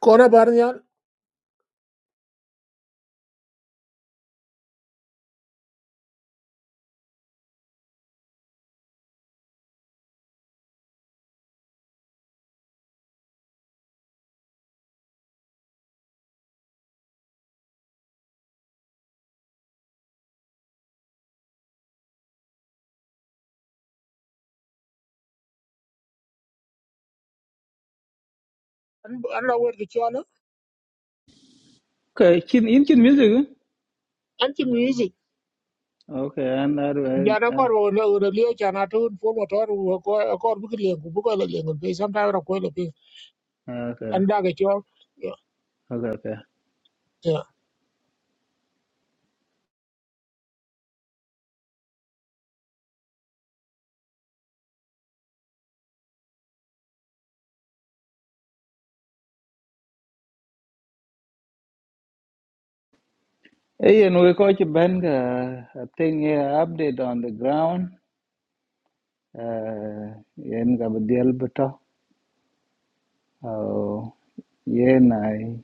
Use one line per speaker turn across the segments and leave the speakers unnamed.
kona bar nyal an an la wer ki chola
Okay, kin in kin music. eh?
an ti music
Okay, and that way.
jana kor
Uh,
wo le ure lio chana tun fo motor wo ko kor bu le ku bu ko le ngun pe sam ta ro ko le pe
okay,
an da ga chol ya
okay, okay.
ya
Hey, and we call you Ben. Uh, I think here update on the ground. Uh, yen gabriel beto. Oh, yen I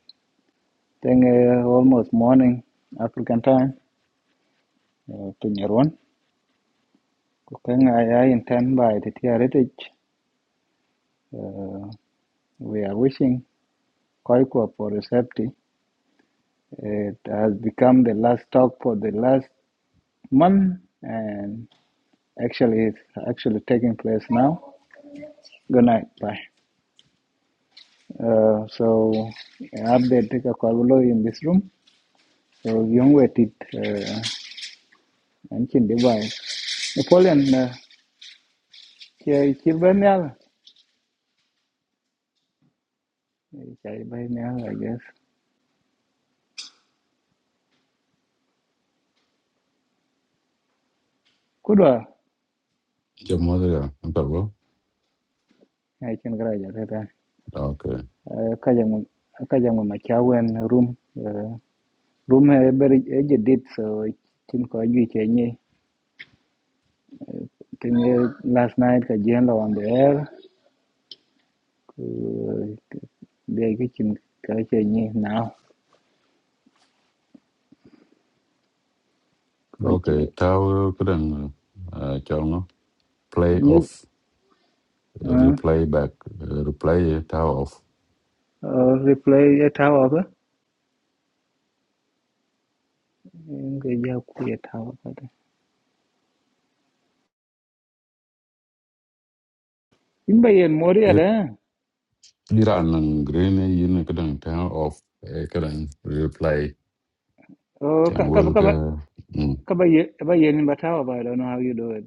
think uh, almost morning African time. Uh, Pinyaron. Kukeng I I intend by the heritage Uh, we are wishing Koikwa for a safety. It has become the last talk for the last month, and Actually, it's actually taking place now. Good night. Bye. Uh, so, update take a call below in this room. So, young waited uh, and chin device. Napoleon, here kill by Nial. Chai by Nial, I guess. Kudwa,
Cho modera, nta go.
I can graduate later.
ok,
Kajang Kajang Machawan room. uh, Room eh, very aged did so. Chin ko yu chenye. Last night, Kajang on the air. 그 내게 지금 가자니 now
Ờ, ok,
그치
tao kadang uh, cho nó play
네
off, replay back, uh, replay tao off.
어, replay ya tawa ba ga ya ku ya tawa ba da in bayan moriya
Ir
da
đi ra nang green ấy yên cái kadang tao off, ờ, cái kadang replay.
oh
Chan
ka ka
wel
ka
ke.
ba-
Mm.
ka bayan ba tawa ba I don't know how you do it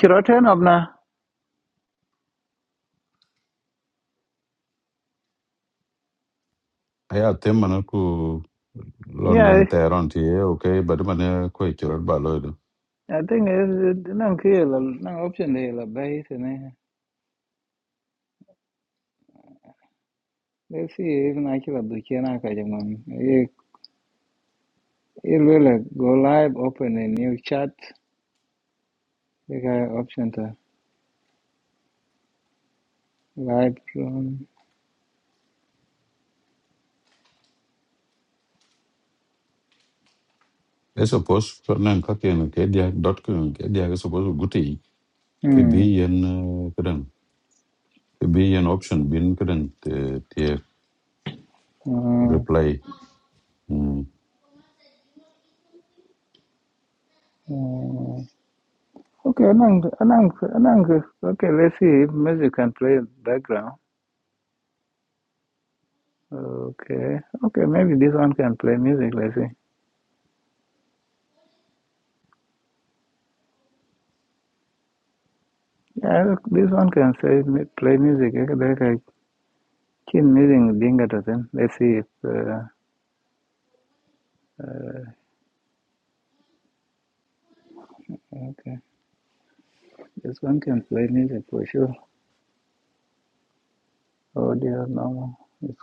kiro ten of na
thêm mà nó ku London
yeah
Tehran thì ấy, ok, ti eh, okay, but mana ko ichor ba lo do.
I think it's nan ke la nan option de la base ta ne let's see if na kira duke na ka jaman eh eh lele go live open a new chat ka option ta Lightroom.
E suppose nang ka ken cái dia dot cái cái dia cái suppose là guti ke
Hmm.
bi yen It be an option bin kadan te te
Uh,
reply mm
uh, okay, Anang, Anang, Anang. Okay, let's see if music can play background. Okay, okay, maybe this one can play music. Let's see. Yeah, look, this one can say play music. Okay, like I can using dinga to Let's see if. Uh, uh, okay, this one can play music for sure. Audio normal. It's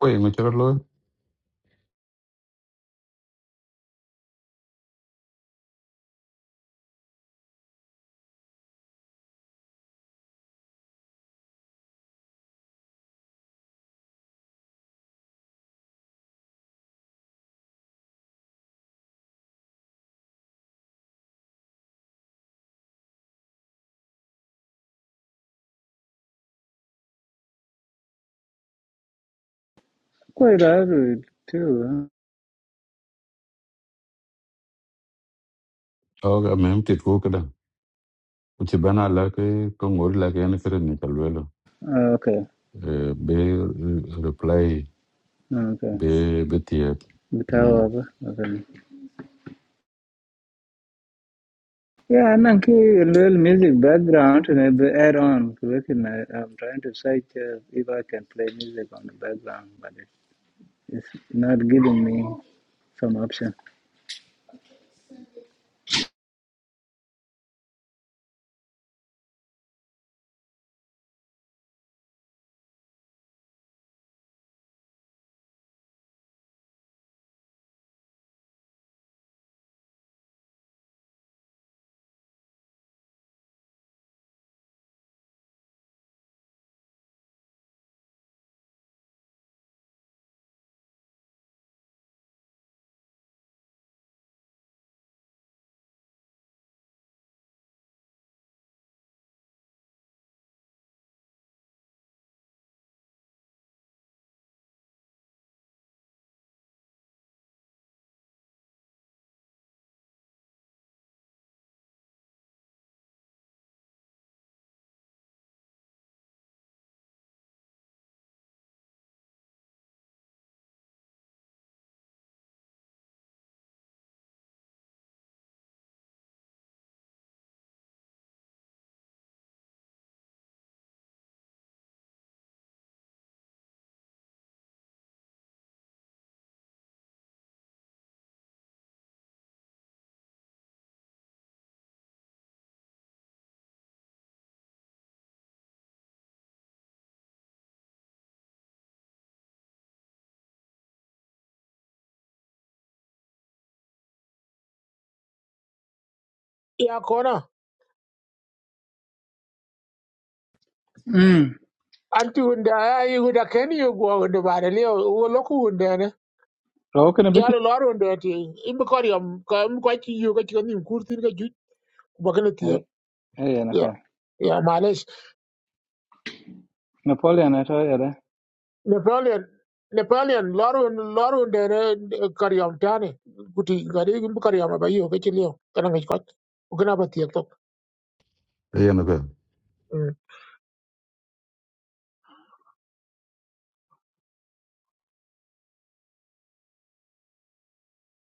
ko e ngachara lo
quite hard too. do,
o ga mem ti ko kada u ti bana la ke ko ngor la ke ne kadan ni kalwelo
huh? Uh, okay,
be reply
okay.
be be ti
The
mm
tower. Okay. Yeah, I'm anang a little music background and the add on. Looking, I, I'm trying to search uh, if I can play music on the background, but it, it's not giving me some option.
Ya kona
Mm.
an ti unda ai u da ken yu go do ba le lio wo lo ku unda ne
Okay, na biki.
jara lo ro unda ti im ko ri am ko am ko ti yu ga ti ni kur tin ga ju ba ga ti
Hey, hey,
ya ya
Napoleon, na tayo
Napoleon Napoleon Larun Larun dere kariyam tani kuti gari gumbu kariyam ba yo ke chiliyo kana ngi kwat ugana ba tiyo tok
e yana ka.